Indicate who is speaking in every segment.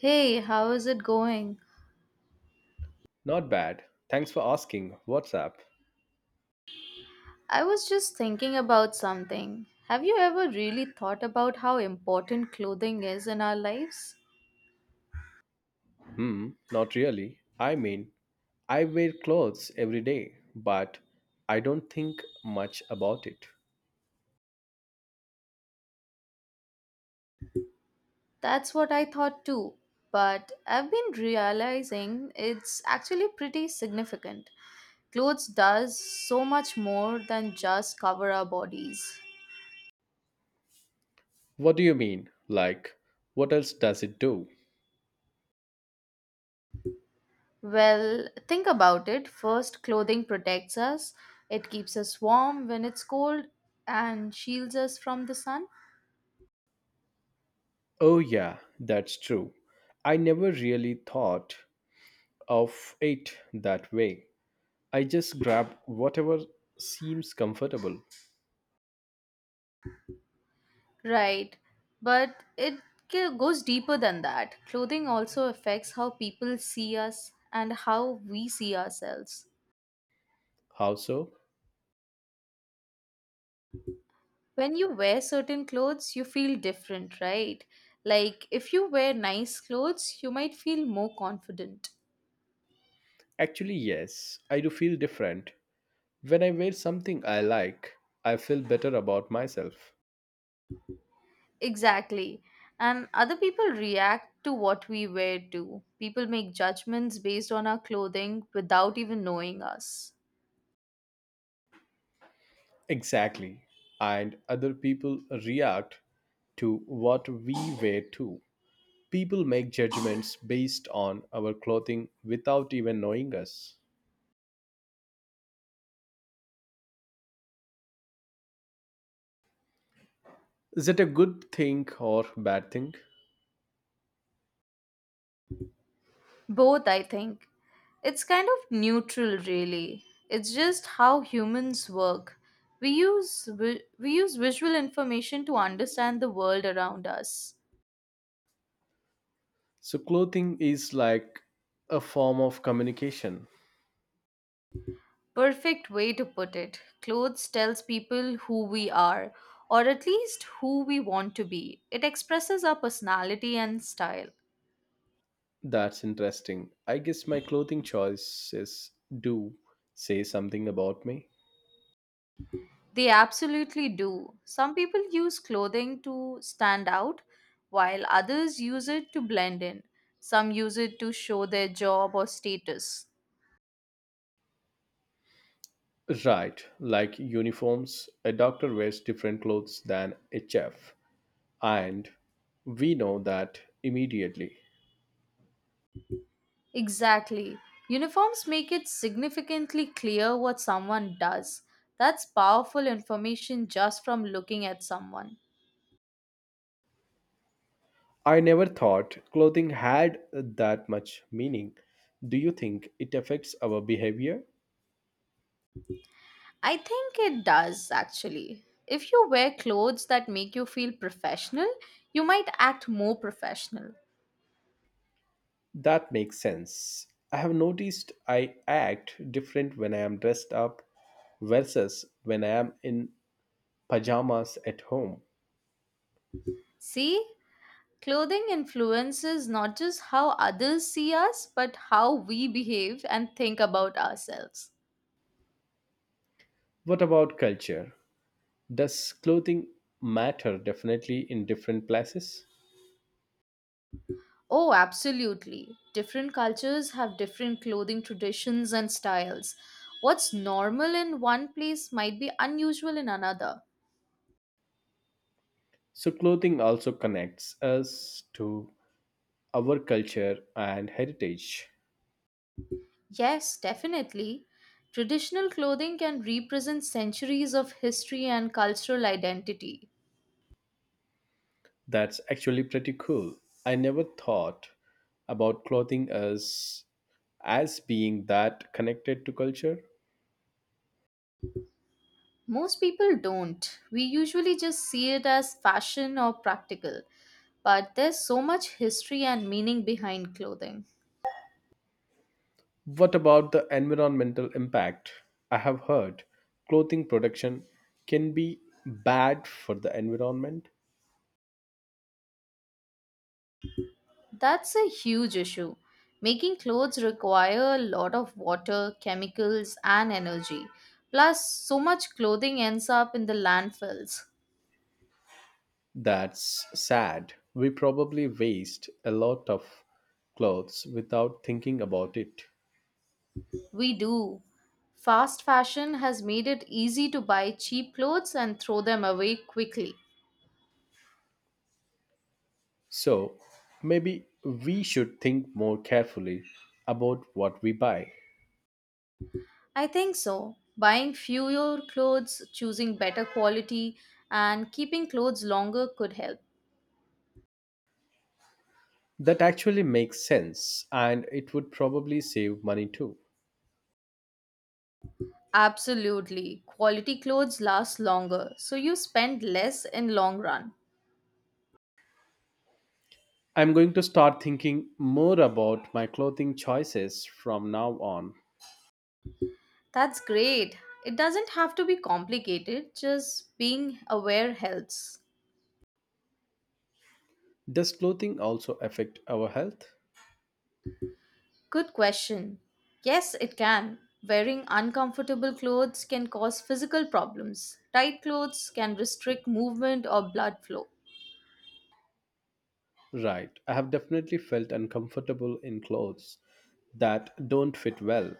Speaker 1: Hey, how is it going?
Speaker 2: Not bad. Thanks for asking. What's up?
Speaker 1: I was just thinking about something. Have you ever really thought about how important clothing is in our lives?
Speaker 2: Hmm, not really. I wear clothes every day, but I don't think much about it.
Speaker 1: That's what I thought too, but I've been realizing it's actually pretty significant. Clothes does so much more than just cover our bodies.
Speaker 2: What do you mean? What else does it do?
Speaker 1: Well, think about it. First, clothing protects us. It keeps us warm when it's cold and shields us from the sun.
Speaker 2: Oh, yeah, that's true. I never really thought of it that way. I just grab whatever seems comfortable.
Speaker 1: Right, but it goes deeper than that. Clothing also affects how people see us and how we see ourselves.
Speaker 2: How so?
Speaker 1: When you wear certain clothes, you feel different, right? Like if you wear nice clothes, you might feel more confident.
Speaker 2: Actually, yes, I do feel different. When I wear something I like, I feel better about myself.
Speaker 1: Exactly. And other people react to what we wear too. People make judgments based on our clothing without even knowing us.
Speaker 2: Exactly. And other people react to what we wear too. People make judgments based on our clothing without even knowing us. Is it a good thing or bad thing?
Speaker 1: Both, I think. It's kind of neutral, really. It's just how humans work. We we use visual information to understand the world around us.
Speaker 2: So, clothing is like a form of communication.
Speaker 1: Perfect way to put it. Clothes tells people who we are, or at least who we want to be. It expresses our personality and style.
Speaker 2: That's interesting. I guess my clothing choices do say something about me.
Speaker 1: They absolutely do. Some people use clothing to stand out, while others use it to blend in. Some use it to show their job or status.
Speaker 2: Right, like uniforms, a doctor wears different clothes than a chef, and we know that immediately.
Speaker 1: Exactly. Uniforms make it significantly clear what someone does. That's powerful information just from looking at someone.
Speaker 2: I never thought clothing had that much meaning. Do you think it affects our behavior?
Speaker 1: I think it does, actually. If you wear clothes that make you feel professional, you might act more professional.
Speaker 2: That makes sense. I have noticed I act different when I am dressed up versus when I am in pajamas at home.
Speaker 1: See, clothing influences not just how others see us, but how we behave and think about ourselves.
Speaker 2: What about culture? Does clothing matter definitely in different places?
Speaker 1: Oh, absolutely. Different cultures have different clothing traditions and styles. What's normal in one place might be unusual in another.
Speaker 2: So, clothing also connects us to our culture and heritage.
Speaker 1: Yes, definitely. Traditional clothing can represent centuries of history and cultural identity.
Speaker 2: That's actually pretty cool. I never thought about clothing as being that connected to culture.
Speaker 1: Most people don't. We usually just see it as fashion or practical, but there's so much history and meaning behind clothing.
Speaker 2: What about the environmental impact? I have heard clothing production can be bad for the environment.
Speaker 1: That's a huge issue. Making clothes require a lot of water, chemicals, and energy. Plus, so much clothing ends up in the landfills.
Speaker 2: That's sad. We probably waste a lot of clothes without thinking about it.
Speaker 1: We do. Fast fashion has made it easy to buy cheap clothes and throw them away quickly.
Speaker 2: So maybe we should think more carefully about what we buy.
Speaker 1: I think so. Buying fewer clothes, choosing better quality, and keeping clothes longer could help.
Speaker 2: That actually makes sense and it would probably save money too.
Speaker 1: Absolutely. Quality clothes last longer, so you spend less in long run.
Speaker 2: I'm going to start thinking more about my clothing choices from now on.
Speaker 1: That's great. It doesn't have to be complicated, just being aware helps.
Speaker 2: Does clothing also affect our health?
Speaker 1: Good question. Yes, it can. Wearing uncomfortable clothes can cause physical problems. Tight clothes can restrict movement or blood flow.
Speaker 2: Right, I have definitely felt uncomfortable in clothes that don't fit well,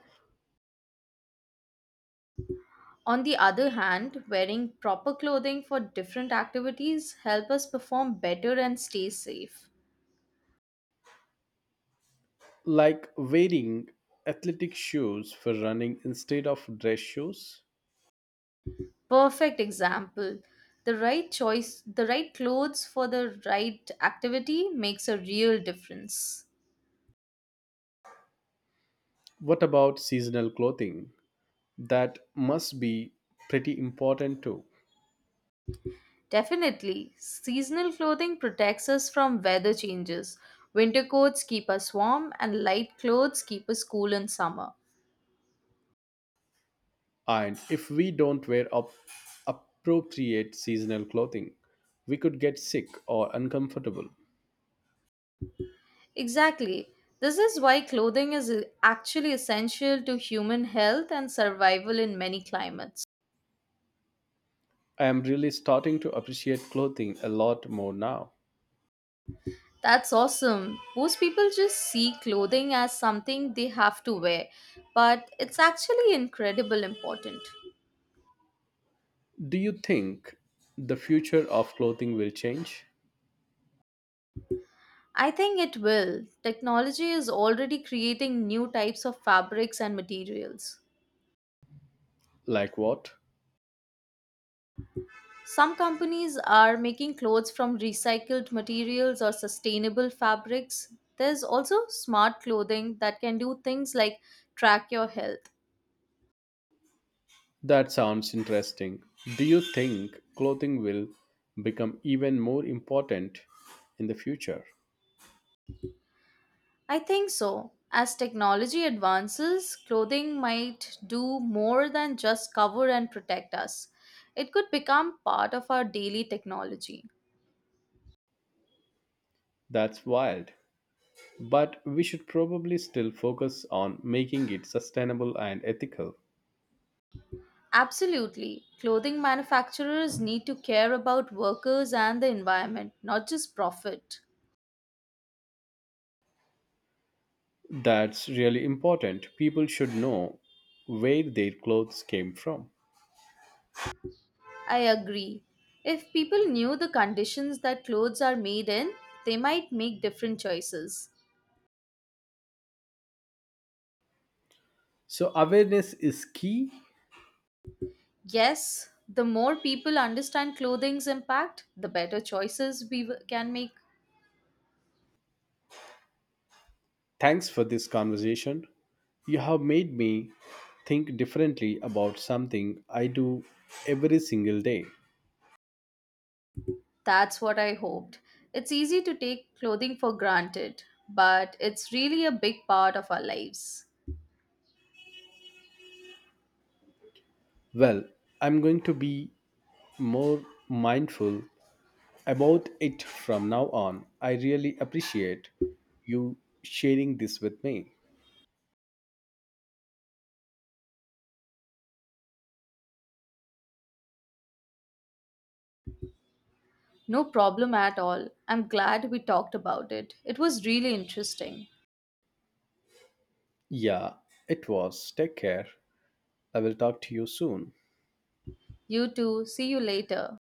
Speaker 1: On the other hand, wearing proper clothing for different activities help us perform better and stay safe.
Speaker 2: like wearing athletic shoes for running instead of dress shoes.
Speaker 1: Perfect example. The right choice, the right clothes for the right activity makes a real difference.
Speaker 2: What about seasonal clothing? That must be pretty important too.
Speaker 1: Definitely, seasonal clothing protects us from weather changes. Winter coats keep us warm, and light clothes keep us cool in summer.
Speaker 2: And if we don't wear up appropriate seasonal clothing, we could get sick or uncomfortable.
Speaker 1: Exactly. This is why clothing is actually essential to human health and survival in many climates.
Speaker 2: I am really starting to appreciate clothing a lot more now.
Speaker 1: That's awesome. Most people just see clothing as something they have to wear, but it's actually incredibly important.
Speaker 2: Do you think the future of clothing will change?
Speaker 1: I think it will. Technology is already creating new types of fabrics and materials.
Speaker 2: Like what?
Speaker 1: Some companies are making clothes from recycled materials or sustainable fabrics. There's also smart clothing that can do things like track your health.
Speaker 2: That sounds interesting. Do you think clothing will become even more important in the future?
Speaker 1: I think so. As technology advances, clothing might do more than just cover and protect us. It could become part of our daily technology.
Speaker 2: That's wild, but we should probably still focus on making it sustainable and ethical.
Speaker 1: Absolutely. Clothing manufacturers need to care about workers and the environment, not just profit.
Speaker 2: That's really important. People should know where their clothes came from.
Speaker 1: I agree. If people knew the conditions that clothes are made in, they might make different choices.
Speaker 2: So, awareness is key.
Speaker 1: Yes, the more people understand clothing's impact, the better choices can make.
Speaker 2: Thanks for this conversation. You have made me think differently about something I do every single day.
Speaker 1: That's what I hoped. It's easy to take clothing for granted, but it's really a big part of our lives.
Speaker 2: Well, I'm going to be more mindful about it from now on. I really appreciate you sharing this with me.
Speaker 1: No problem at all. I'm glad we talked about it. It was really interesting.
Speaker 2: Yeah, it was. Take care. I will talk to you soon.
Speaker 1: You too. See you later.